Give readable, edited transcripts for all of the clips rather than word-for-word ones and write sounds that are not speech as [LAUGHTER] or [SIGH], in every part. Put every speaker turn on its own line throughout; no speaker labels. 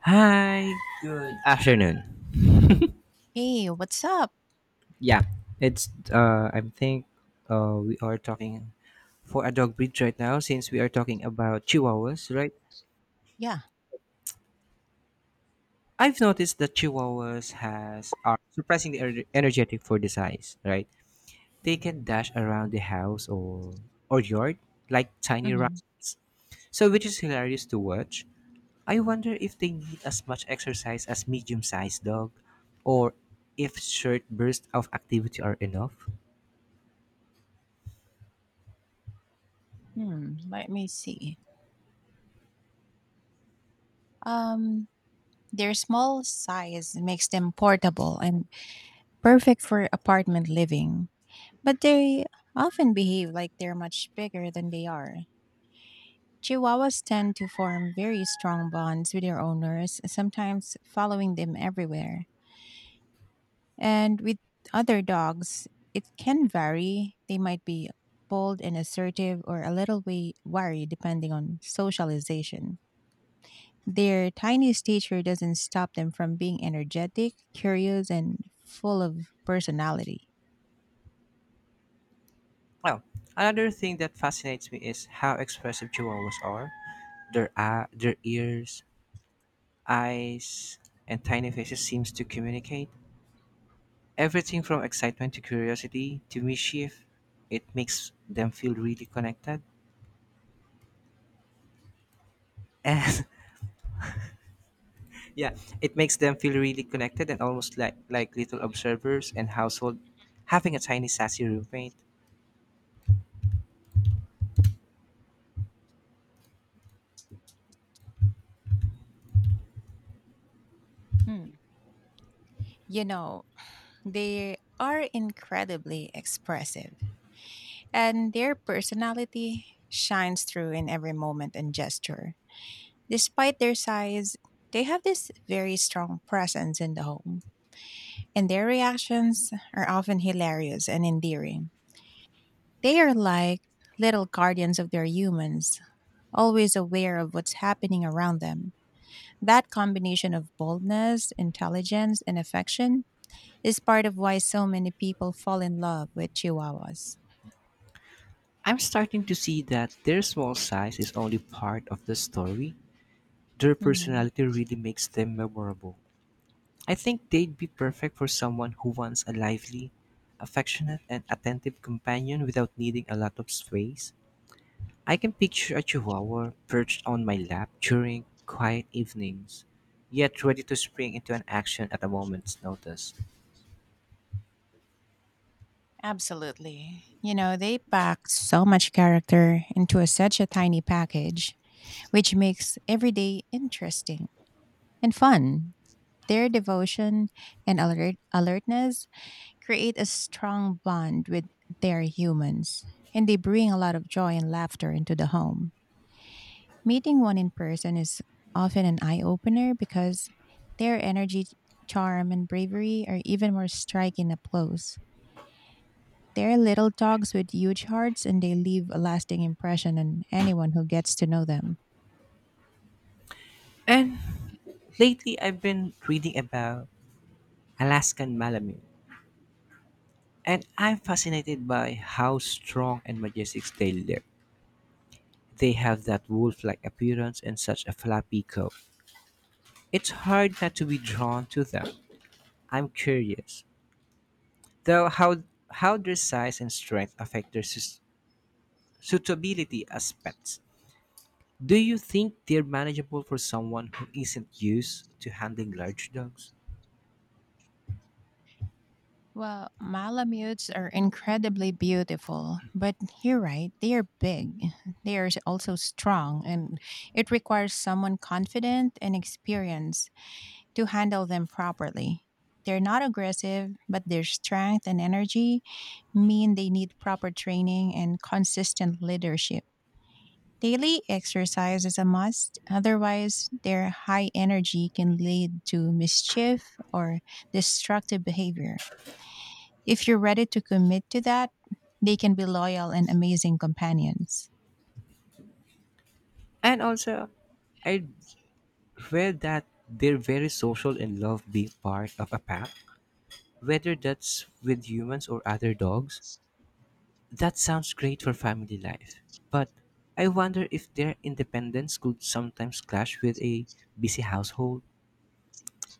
Hi, good afternoon.
Hey, what's up?
Yeah, it's I think we are talking for a dog breed right now since we are talking about chihuahuas, right?
Yeah.
I've noticed that chihuahuas has are surprisingly energetic for the size, right? They can dash around the house or yard like tiny
hmm
rats. So which is hilarious to watch. I wonder if they need as much exercise as medium-sized dog or if short bursts of activity are enough.
Hmm. Let me see. Um, their small size makes them portable and perfect for apartment living, but they often behave like they're much bigger than they are. Chihuahuas tend to form very strong bonds with their owners, sometimes following them everywhere. And with other dogs, it can vary. They might be bold and assertive or a little way wary depending on socialization. Their tiny stature doesn't stop them from being energetic, curious, and full of personality.
Oh, another thing that fascinates me is how expressive chihuahuas are. Their eye, their ears, eyes, and tiny faces seems to communicate everything from excitement to curiosity to mischief. It makes them feel really connected. And [LAUGHS] yeah, it makes them feel really connected and almost like little observers and household having a tiny sassy roommate.
Hmm. You know, they are incredibly expressive, and their personality shines through in every moment and gesture. Despite their size, they have this very strong presence in the home, and their reactions are often hilarious and endearing. They are like little guardians of their humans, always aware of what's happening around them. That combination of boldness, intelligence, and affection is part of why so many people fall in love with Chihuahuas.
I'm starting to see that their small size is only part of the story. Their
Mhm.
personality really makes them memorable. I think they'd be perfect for someone who wants a lively, affectionate, and attentive companion without needing a lot of space. I can picture a chihuahua perched on my lap during quiet evenings, yet ready to spring into an action at a moment's notice.
Absolutely. You know, they pack so much character into such a tiny package, which makes every day interesting and fun. Their devotion and alertness create a strong bond with their humans, and they bring a lot of joy and laughter into the home. Meeting one in person is often an eye opener because their energy, charm, and bravery are even more striking up close. They're little dogs with huge hearts and they leave a lasting impression on anyone who gets to know them.
And lately, I've been reading about Alaskan Malamute, and I'm fascinated by how strong and majestic they look. They have that wolf like appearance and such a flappy coat. It's hard not to be drawn to them. I'm curious, though, how their size and strength affect their suitability as pets. Do you think they're manageable for someone who isn't used to handling large dogs?
Well, Malamutes are incredibly beautiful, but you're right, they are big. They are also strong, and it requires someone confident and experienced to handle them properly. They're not aggressive, but their strength and energy mean they need proper training and consistent leadership. Daily exercise is a must. Otherwise, their high energy can lead to mischief or destructive behavior. If you're ready to commit to that, they can be loyal and amazing companions.
And also, I read that they're very social and love being part of a pack, whether that's with humans or other dogs. That sounds great for family life, but I wonder if their independence could sometimes clash with a busy household.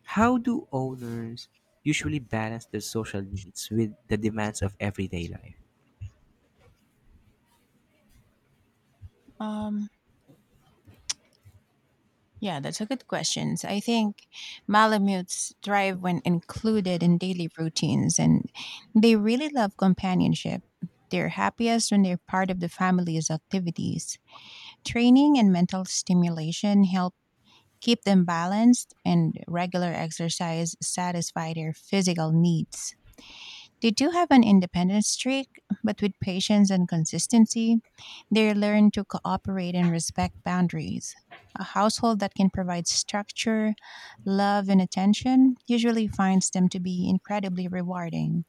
How do owners usually balance their social needs with the demands of everyday life?
Um, Yeah, that's a good question. I think Malamutes thrive when included in daily routines and they really love companionship. They're happiest when they're part of the family's activities. Training and mental stimulation help keep them balanced, and regular exercise satisfy their physical needs. They do have an independence streak, but with patience and consistency, they learn to cooperate and respect boundaries. A household that can provide structure, love, and attention usually finds them to be incredibly rewarding.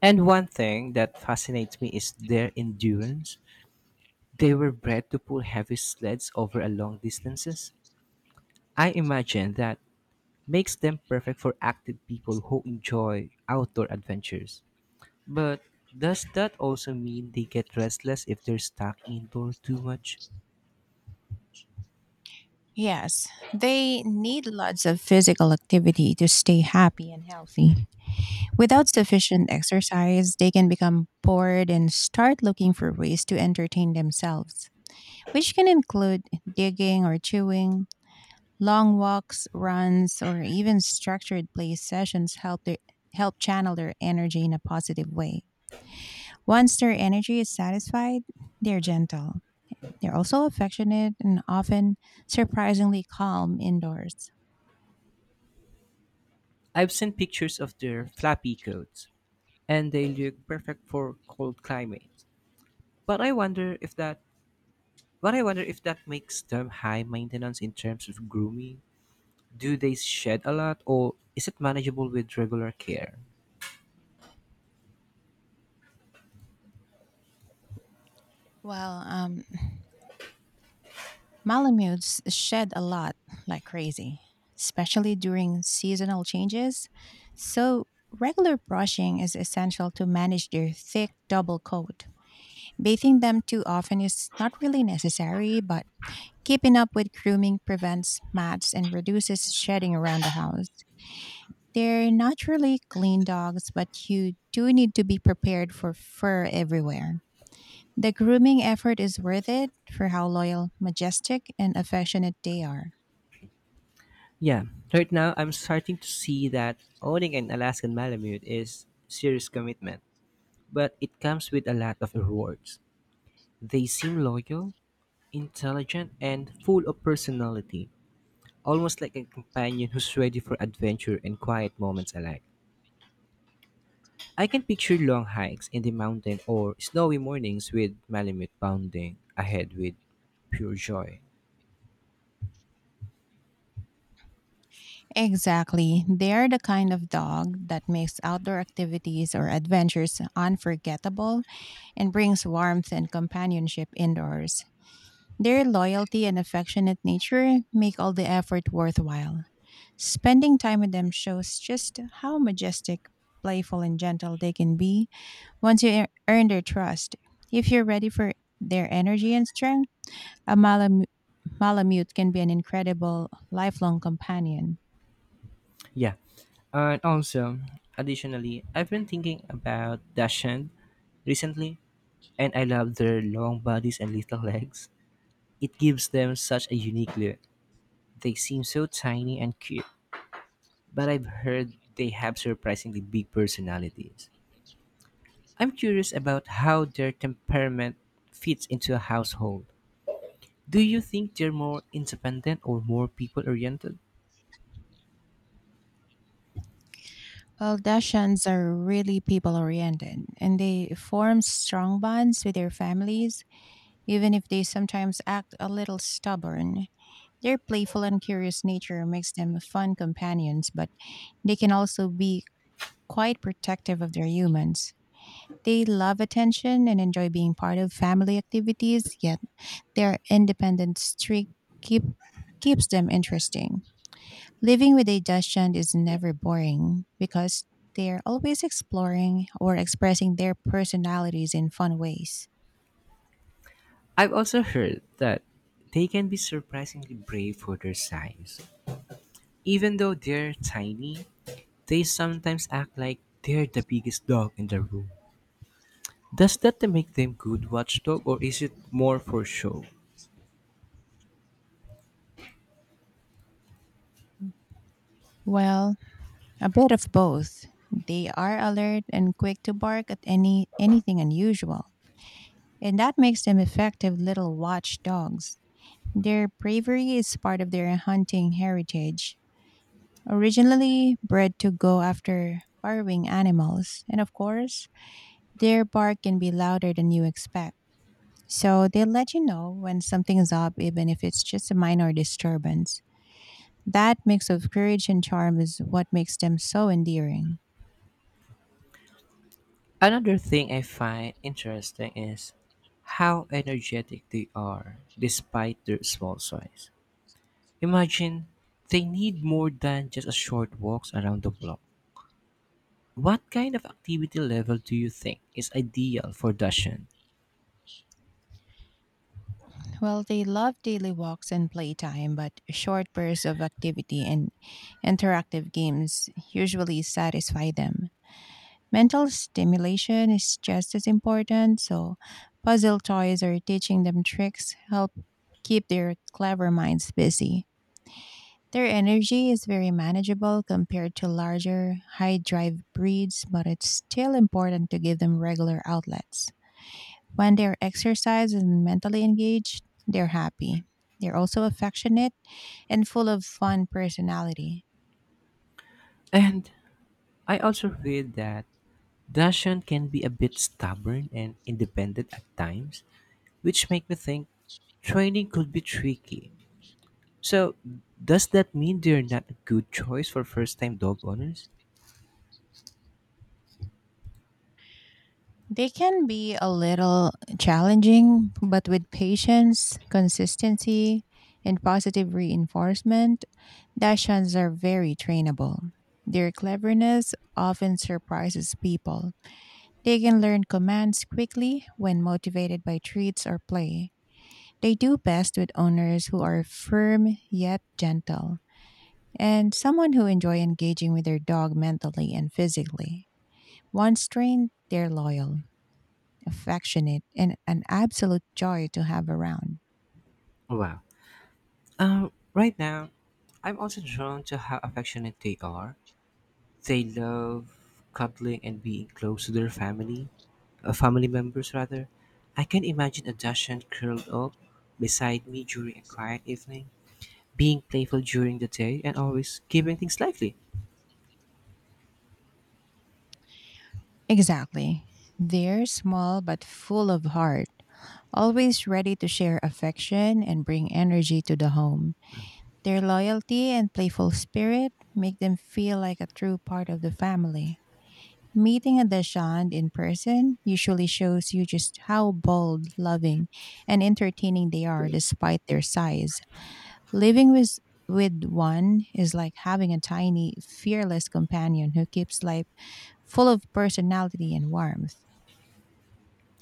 And one thing that fascinates me is their endurance. They were bred to pull heavy sleds over a long distances. I imagine that makes them perfect for active people who enjoy outdoor adventures. But does that also mean they get restless if they're stuck indoors too much?
Yes, they need lots of physical activity to stay happy and healthy. Without sufficient exercise, they can become bored and start looking for ways to entertain themselves, which can include digging or chewing. Long walks, runs, or even structured play sessions help channel their energy in a positive way. Once their energy is satisfied, they're gentle. They're also affectionate and often surprisingly calm indoors.
I've seen pictures of their flappy coats, and they look perfect for cold climates. But I wonder if that but I wonder if that makes them high maintenance in terms of grooming. Do they shed a lot or is it manageable with regular care?
Well, um, Malamutes shed a lot, like crazy, especially during seasonal changes. So, regular brushing is essential to manage their thick double coat. Bathing them too often is not really necessary, but keeping up with grooming prevents mats and reduces shedding around the house. They're naturally clean dogs, but you do need to be prepared for fur everywhere. The grooming effort is worth it for how loyal, majestic, and affectionate they are.
Yeah, right now I'm starting to see that owning an Alaskan Malamute is serious commitment, but it comes with a lot of rewards. They seem loyal, intelligent, and full of personality, almost like a companion who's ready for adventure and quiet moments alike. I can picture long hikes in the mountain or snowy mornings with Malamute bounding ahead with pure joy.
Exactly. They are the kind of dog that makes outdoor activities or adventures unforgettable and brings warmth and companionship indoors. Their loyalty and affectionate nature make all the effort worthwhile. Spending time with them shows just how majestic, playful, and gentle they can be once you earn their trust. If you're ready for their energy and strength, a Malamute can be an incredible lifelong companion.
Yeah. And also, additionally, I've been thinking about Dashan recently and I love their long bodies and little [LAUGHS] legs. It gives them such a unique look. They seem so tiny and cute, but I've heard they have surprisingly big personalities. I'm curious about how their temperament fits into a household. Do you think they're more independent or more people oriented?
Well, Dachshunds are really people oriented and they form strong bonds with their families, even if they sometimes act a little stubborn. Their playful and curious nature makes them fun companions, but they can also be quite protective of their humans. They love attention and enjoy being part of family activities, yet their independent streak keep, keeps them interesting. Living with a Dachshund is never boring because they're always exploring or expressing their personalities in fun ways.
I've also heard that they can be surprisingly brave for their size. Even though they're tiny, they sometimes act like they're the biggest dog in the room. Does that make them good watchdog or is it more for show?
Well, a bit of both. They are alert and quick to bark at anything unusual, and that makes them effective little watchdogs. Their bravery is part of their hunting heritage, originally bred to go after burrowing animals, and of course, their bark can be louder than you expect. So they let you know when something's up, even if it's just a minor disturbance. That mix of courage and charm is what makes them so endearing.
Another thing I find interesting is how energetic they are despite their small size. Imagine they need more than just a short walks around the block. What kind of activity level do you think is ideal for Dashan?
Well, they love daily walks and playtime, but short bursts of activity and interactive games usually satisfy them. Mental stimulation is just as important, so puzzle toys or teaching them tricks help keep their clever minds busy. Their energy is very manageable compared to larger, high drive breeds, but it's still important to give them regular outlets. When they're exercised and mentally engaged, they're happy. They're also affectionate and full of fun personality.
And I also read that Dashan can be a bit stubborn and independent at times, which make me think training could be tricky. So, does that mean they're not a good choice for first-time dog owners?
They can be a little challenging, but with patience, consistency, and positive reinforcement, Dachshunds are very trainable. Their cleverness often surprises people. They can learn commands quickly when motivated by treats or play. They do best with owners who are firm yet gentle, and someone who enjoy engaging with their dog mentally and physically. Once trained, they're loyal, affectionate, and an absolute joy to have around.
Wow. Um, right now, I'm also drawn to how affectionate they are, they love cuddling and being close to their family, family members rather. I can imagine a Dacian curled up beside me during a quiet evening, being playful during the day and always keeping things lively.
Exactly. They're small but full of heart, always ready to share affection and bring energy to the home. Their loyalty and playful spirit make them feel like a true part of the family. Meeting a Dashand in person usually shows you just how bold, loving, and entertaining they are despite their size. Living with one is like having a tiny, fearless companion who keeps life full of personality and warmth.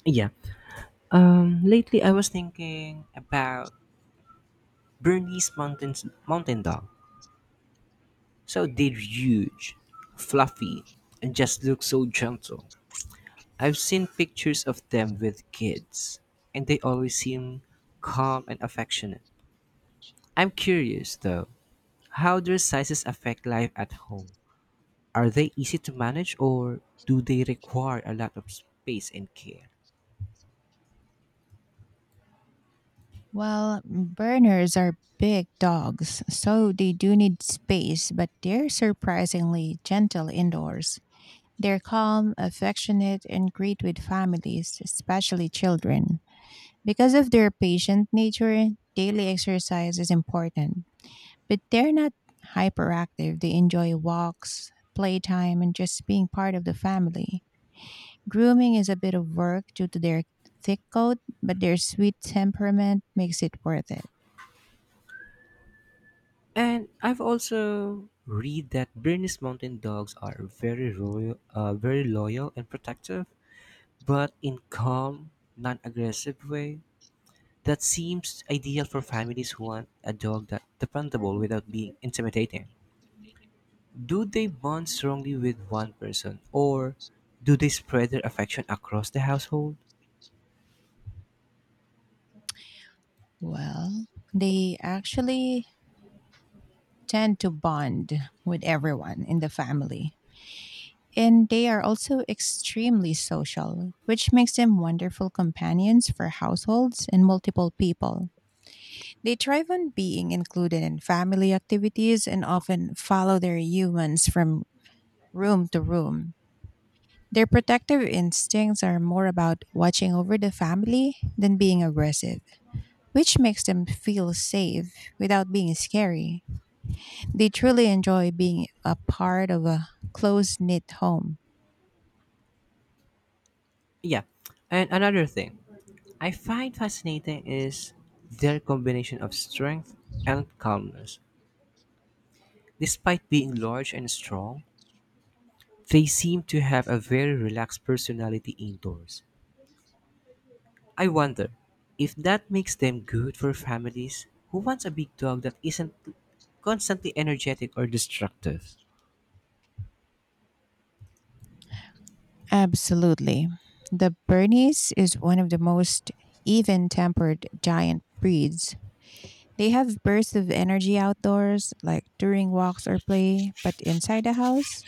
Yeah. Lately, I was thinking about Bernese mountain dog. So they're huge, fluffy, and just look so gentle. I've seen pictures of them with kids, and they always seem calm and affectionate. I'm curious though, how their sizes affect life at home. Are they easy to manage or do they require a lot of space and care?
Well, burners are big dogs, so they do need space, but they're surprisingly gentle indoors. They're calm, affectionate, and great with families, especially children. Because of their patient nature, daily exercise is important, but they're not hyperactive. They enjoy walks, playtime, and just being part of the family. Grooming is a bit of work due to their thick coat, but their sweet temperament makes it worth it.
And I've also read that Bernese mountain dogs are very loyal and protective, but in calm, non-aggressive way. That seems ideal for families who want a dog that's dependable without being intimidating. Do they bond strongly with one person, or do they spread their affection across the household?
Well, they actually tend to bond with everyone in the family. And they are also extremely social, which makes them wonderful companions for households and multiple people. They thrive on being included in family activities and often follow their humans from room to room. Their protective instincts are more about watching over the family than being aggressive, which makes them feel safe without being scary. They truly enjoy being a part of a close knit home.
Yeah, and another thing I find fascinating is their combination of strength and calmness. Despite being large and strong, they seem to have a very relaxed personality indoors. I wonder if that makes them good for families who wants a big dog that isn't constantly energetic or destructive.
Absolutely. The Bernese is one of the most even tempered giant breeds. They have bursts of energy outdoors, like during walks or play, but inside the house,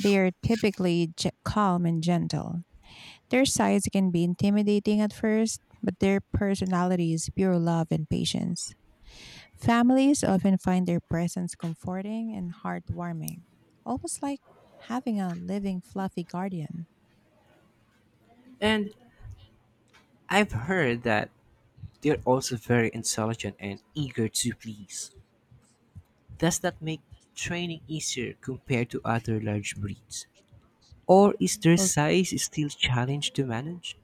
they are typically calm and gentle. Their sides can be intimidating at first, but their personality is pure love and patience. Families often find their presence comforting and heartwarming, almost like having a living, fluffy guardian.
And I've heard that they're also very intelligent and eager to please. Does that make training easier compared to other large breeds? Or is their size still challenge to manage?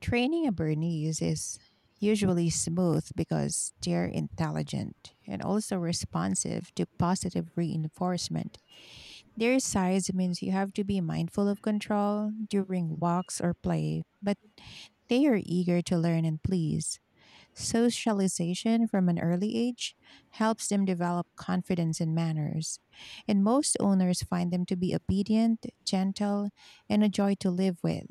Training a Bernese is usually smooth because they're intelligent and also responsive to positive reinforcement. Their size means you have to be mindful of control during walks or play, but they are eager to learn and please. Socialization from an early age helps them develop confidence and manners, and most owners find them to be obedient, gentle, and a joy to live with.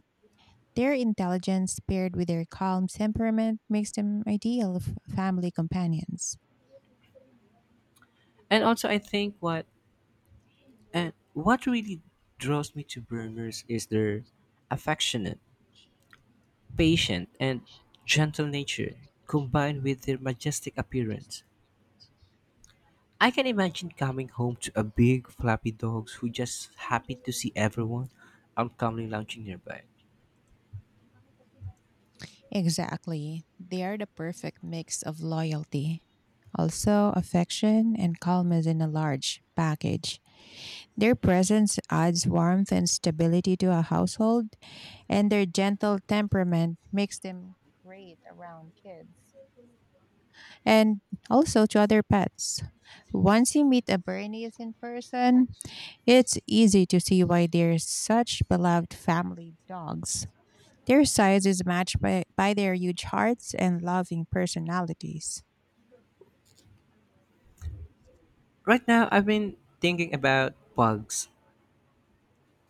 Their intelligence paired with their calm temperament makes them ideal family companions.
And also I think what and what really draws me to Berners is their affectionate, patient and gentle nature combined with their majestic appearance. I can imagine coming home to a big flappy dogs who just happy to see everyone and calmly lounging nearby.
Exactly. They are the perfect mix of loyalty, also affection, and calmness in a large package. Their presence adds warmth and stability to a household, and their gentle temperament makes them great around kids and also to other pets. Once you meet a Bernese in person, it's easy to see why they're such beloved family dogs. Their size is matched by their huge hearts and loving personalities.
Right now I've been thinking about bugs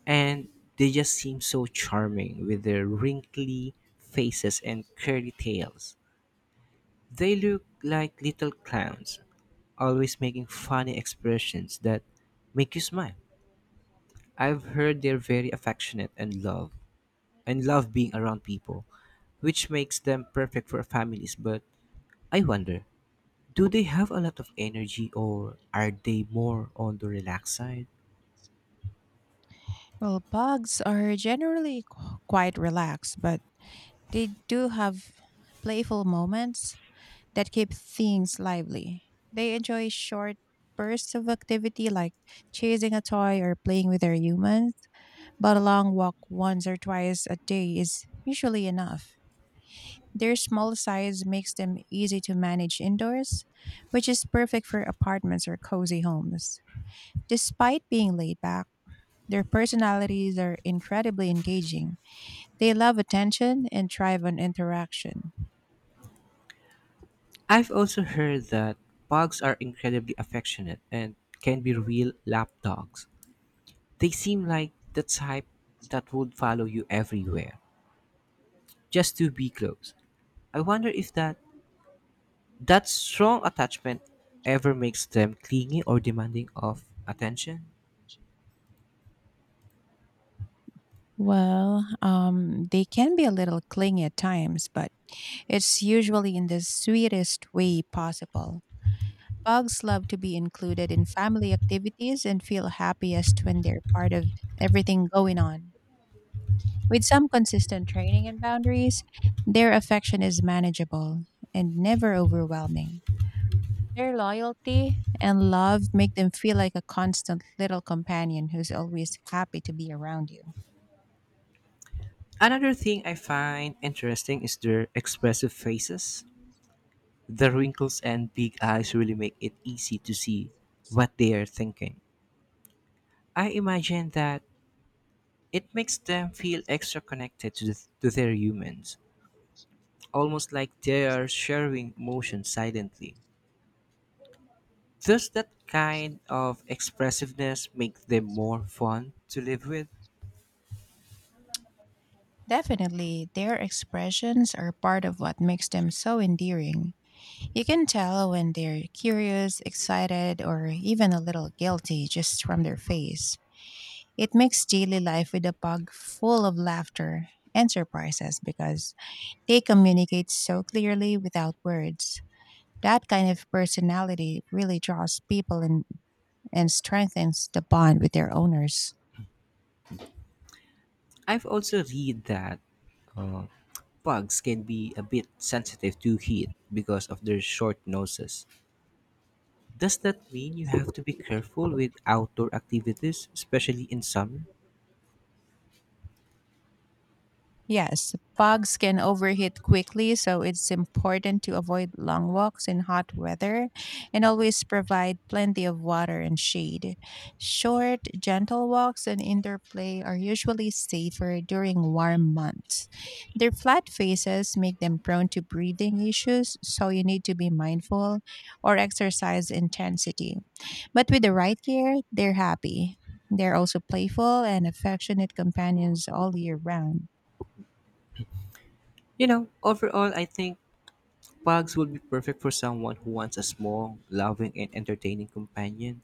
and they just seem so charming with their wrinkly faces and curly tails. They look like little clowns, always making funny expressions that make you smile. I've heard they're very affectionate and love being around people, which makes them perfect for families, but I wonder, do they have a lot of energy or are they more on the relaxed side?
Well, bugs are generally quite relaxed, but they do have playful moments that keep things lively. They enjoy short bursts of activity like chasing a toy or playing with their humans, but a long walk once or twice a day is usually enough. Their small size makes them easy to manage indoors, which is perfect for apartments or cozy homes. Despite being laid back, their personalities are incredibly engaging. They love attention and thrive on interaction.
I've also heard that pugs are incredibly affectionate and can be real lapdogs. They seem like the type that would follow you everywhere just to be close. I wonder if that strong attachment ever makes them clingy or demanding of attention.
They can be a little clingy at times, but it's usually in the sweetest way possible. Dogs love to be included in family activities and feel happiest when they're part of everything going on. With some consistent training and boundaries, their affection is manageable and never overwhelming. Their loyalty and love make them feel like a constant little companion who's always happy to be around you.
Another thing I find interesting is their expressive faces. The wrinkles and big eyes really make it easy to see what they are thinking. I imagine that it makes them feel extra connected to their humans, almost like they are sharing emotions silently. Does that kind of expressiveness make them more fun to live with?
Definitely, their expressions are part of what makes them so endearing. You can tell when they're curious, excited, or even a little guilty just from their face. It makes daily life with a pug full of laughter and surprises because they communicate so clearly without words. That kind of personality really draws people in and strengthens the bond with their owners.
I've also read that uh, pugs can be a bit sensitive to heat because of their short noses. Does that mean you have to be careful with outdoor activities, especially in summer?
Yes, pugs can overheat quickly, so it's important to avoid long walks in hot weather and always provide plenty of water and shade. Short, gentle walks and indoor play are usually safer during warm months. Their flat faces make them prone to breathing issues, so you need to be mindful or exercise intensity. But with the right care, they're happy. They're also playful and affectionate companions all year round.
Overall, I think pugs would be perfect for someone who wants a small, loving, and entertaining companion.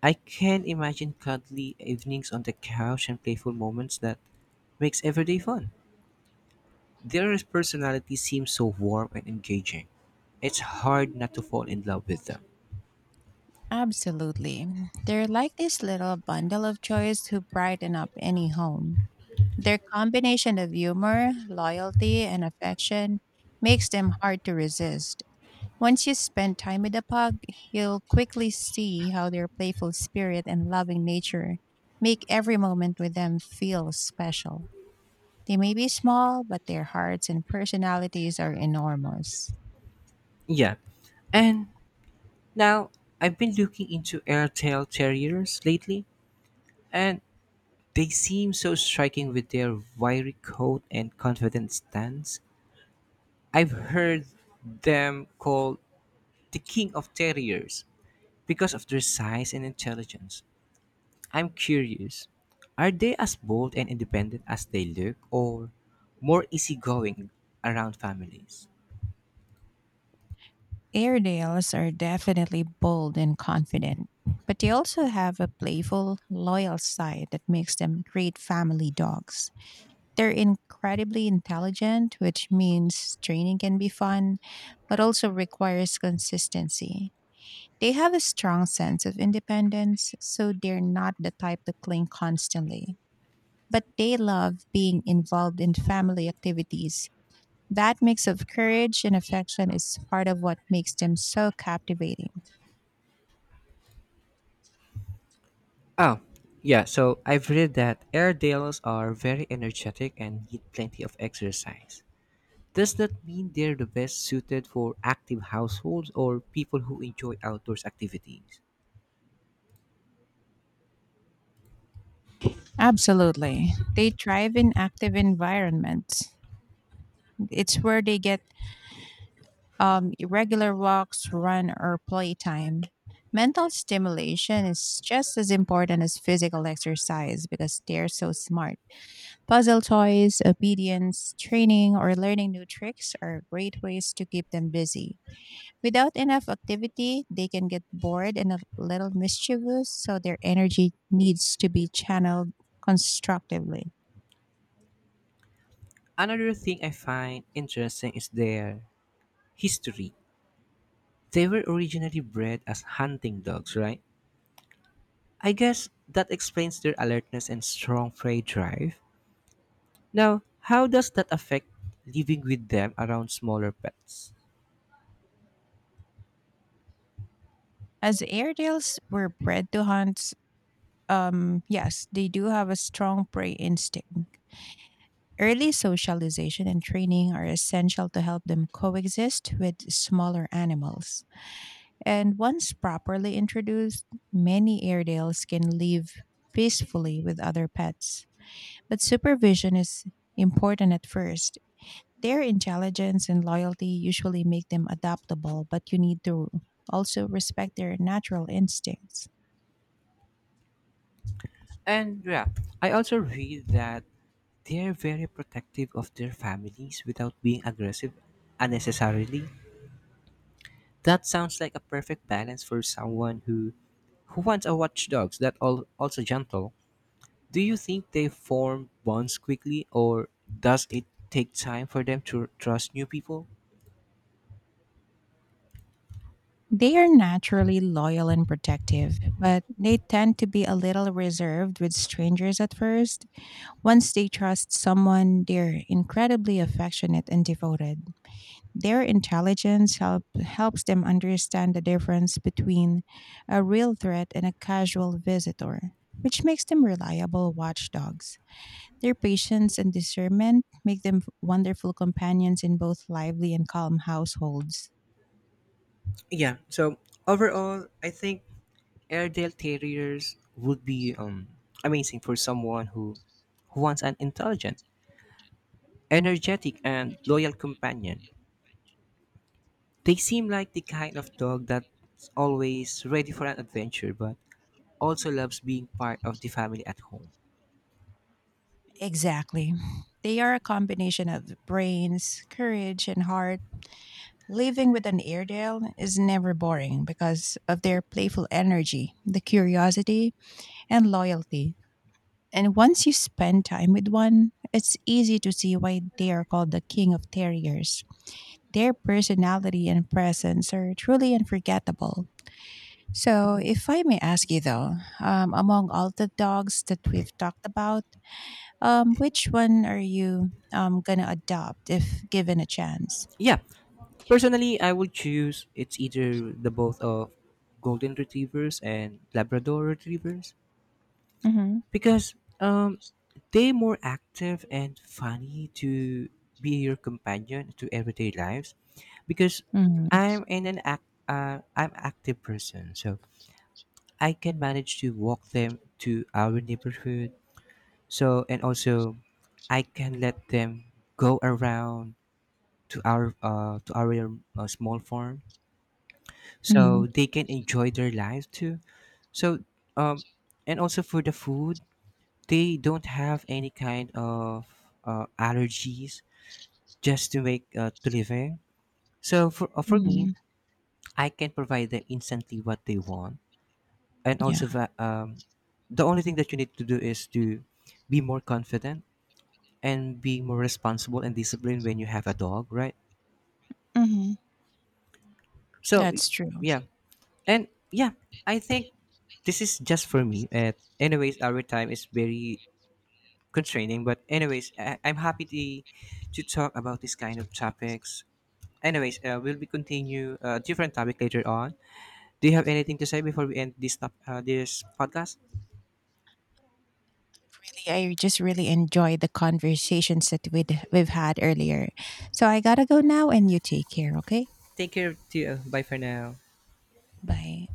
I can imagine cuddly evenings on the couch and playful moments that makes everyday fun. Their personality seems so warm and engaging. It's hard not to fall in love with them.
Absolutely. They're like this little bundle of joys who brighten up any home. Their combination of humor, loyalty, and affection makes them hard to resist. Once you spend time with a pug, you'll quickly see how their playful spirit and loving nature make every moment with them feel special. They may be small, but their hearts and personalities are enormous.
Yeah. And now I've been looking into airtail terriers lately, and they seem so striking with their wiry coat and confident stance. I've heard them called the king of terriers because of their size and intelligence. I'm curious, are they as bold and independent as they look, or more easygoing around families?
Airedales are definitely bold and confident, but they also have a playful, loyal side that makes them great family dogs. They're incredibly intelligent, which means training can be fun, but also requires consistency. They have a strong sense of independence, so they're not the type to cling constantly. But they love being involved in family activities. That mix of courage and affection is part of what makes them so captivating.
Oh, yeah, so I've read that Airedales are very energetic and need plenty of exercise. Does that mean they're the best suited for active households or people who enjoy outdoors activities?
Absolutely. They thrive in active environments. It's where they get regular walks, run, or playtime. Mental stimulation is just as important as physical exercise because they're so smart. Puzzle toys, obedience, training, or learning new tricks are great ways to keep them busy. Without enough activity, they can get bored and a little mischievous, so their energy needs to be channeled constructively.
Another thing I find interesting is their history. They were originally bred as hunting dogs, right? I guess that explains their alertness and strong prey drive. Now, how does that affect living with them around smaller pets?
As Airedales were bred to hunt, yes, they do have a strong prey instinct. Early socialization and training are essential to help them coexist with smaller animals. And once properly introduced, many Airedales can live peacefully with other pets. But supervision is important at first. Their intelligence and loyalty usually make them adaptable, but you need to also respect their natural instincts.
And yeah, I also read that they're very protective of their families without being aggressive unnecessarily. That sounds like a perfect balance for someone who wants a watchdog that all also gentle. Do you think they form bonds quickly, or does it take time for them to trust new people?
They are naturally loyal and protective, but they tend to be a little reserved with strangers at first. Once they trust someone, they're incredibly affectionate and devoted. Their helps them understand the difference between a real threat and a casual visitor, which makes them reliable watchdogs. Their patience and discernment make them wonderful companions in both lively and calm households.
Yeah. So overall, I think Airedale Terriers would be amazing for someone who wants an intelligent, energetic, and loyal companion. They seem like the kind of dog that's always ready for an adventure, but also loves being part of the family at home.
Exactly. They are a combination of brains, courage, and heart. Living with an Airedale is never boring because of their playful energy, the curiosity, and loyalty. And once you spend time with one, it's easy to see why they are called the king of terriers. Their personality and presence are truly unforgettable. So, if I may ask you though, among all the dogs that we've talked about, which one are you gonna adopt if given a chance?
Yeah, personally, I would choose it's either the both of golden retrievers and Labrador retrievers
Mm-hmm.
because they more active and funny to be your companion to everyday lives because
Mm-hmm.
I'm active person, so I can manage to walk them to our neighborhood. So and also, I can let them go around to our small farm
Mm-hmm.
so they can enjoy their lives too. So, um, and also for the food, they don't have any kind of allergies just to make to living. So for me,
Mm-hmm.
I can provide them instantly what they want, and also
Yeah.
that the only thing that you need to do is to be more confident and be more responsible and disciplined when you have a dog, right?
Mm-hmm.
So,
That's true.
yeah. And yeah, I think this is just for me. Anyways, our time is very constraining, but anyways, I'm happy to talk about this kind of topics. Anyways, we'll be continue a different topic later on. Do you have anything to say before we end this this podcast?
Really, I just really enjoyed the conversations that we've had earlier. So I gotta go now, and you take care. Okay.
Take care. To you. Bye for now.
Bye.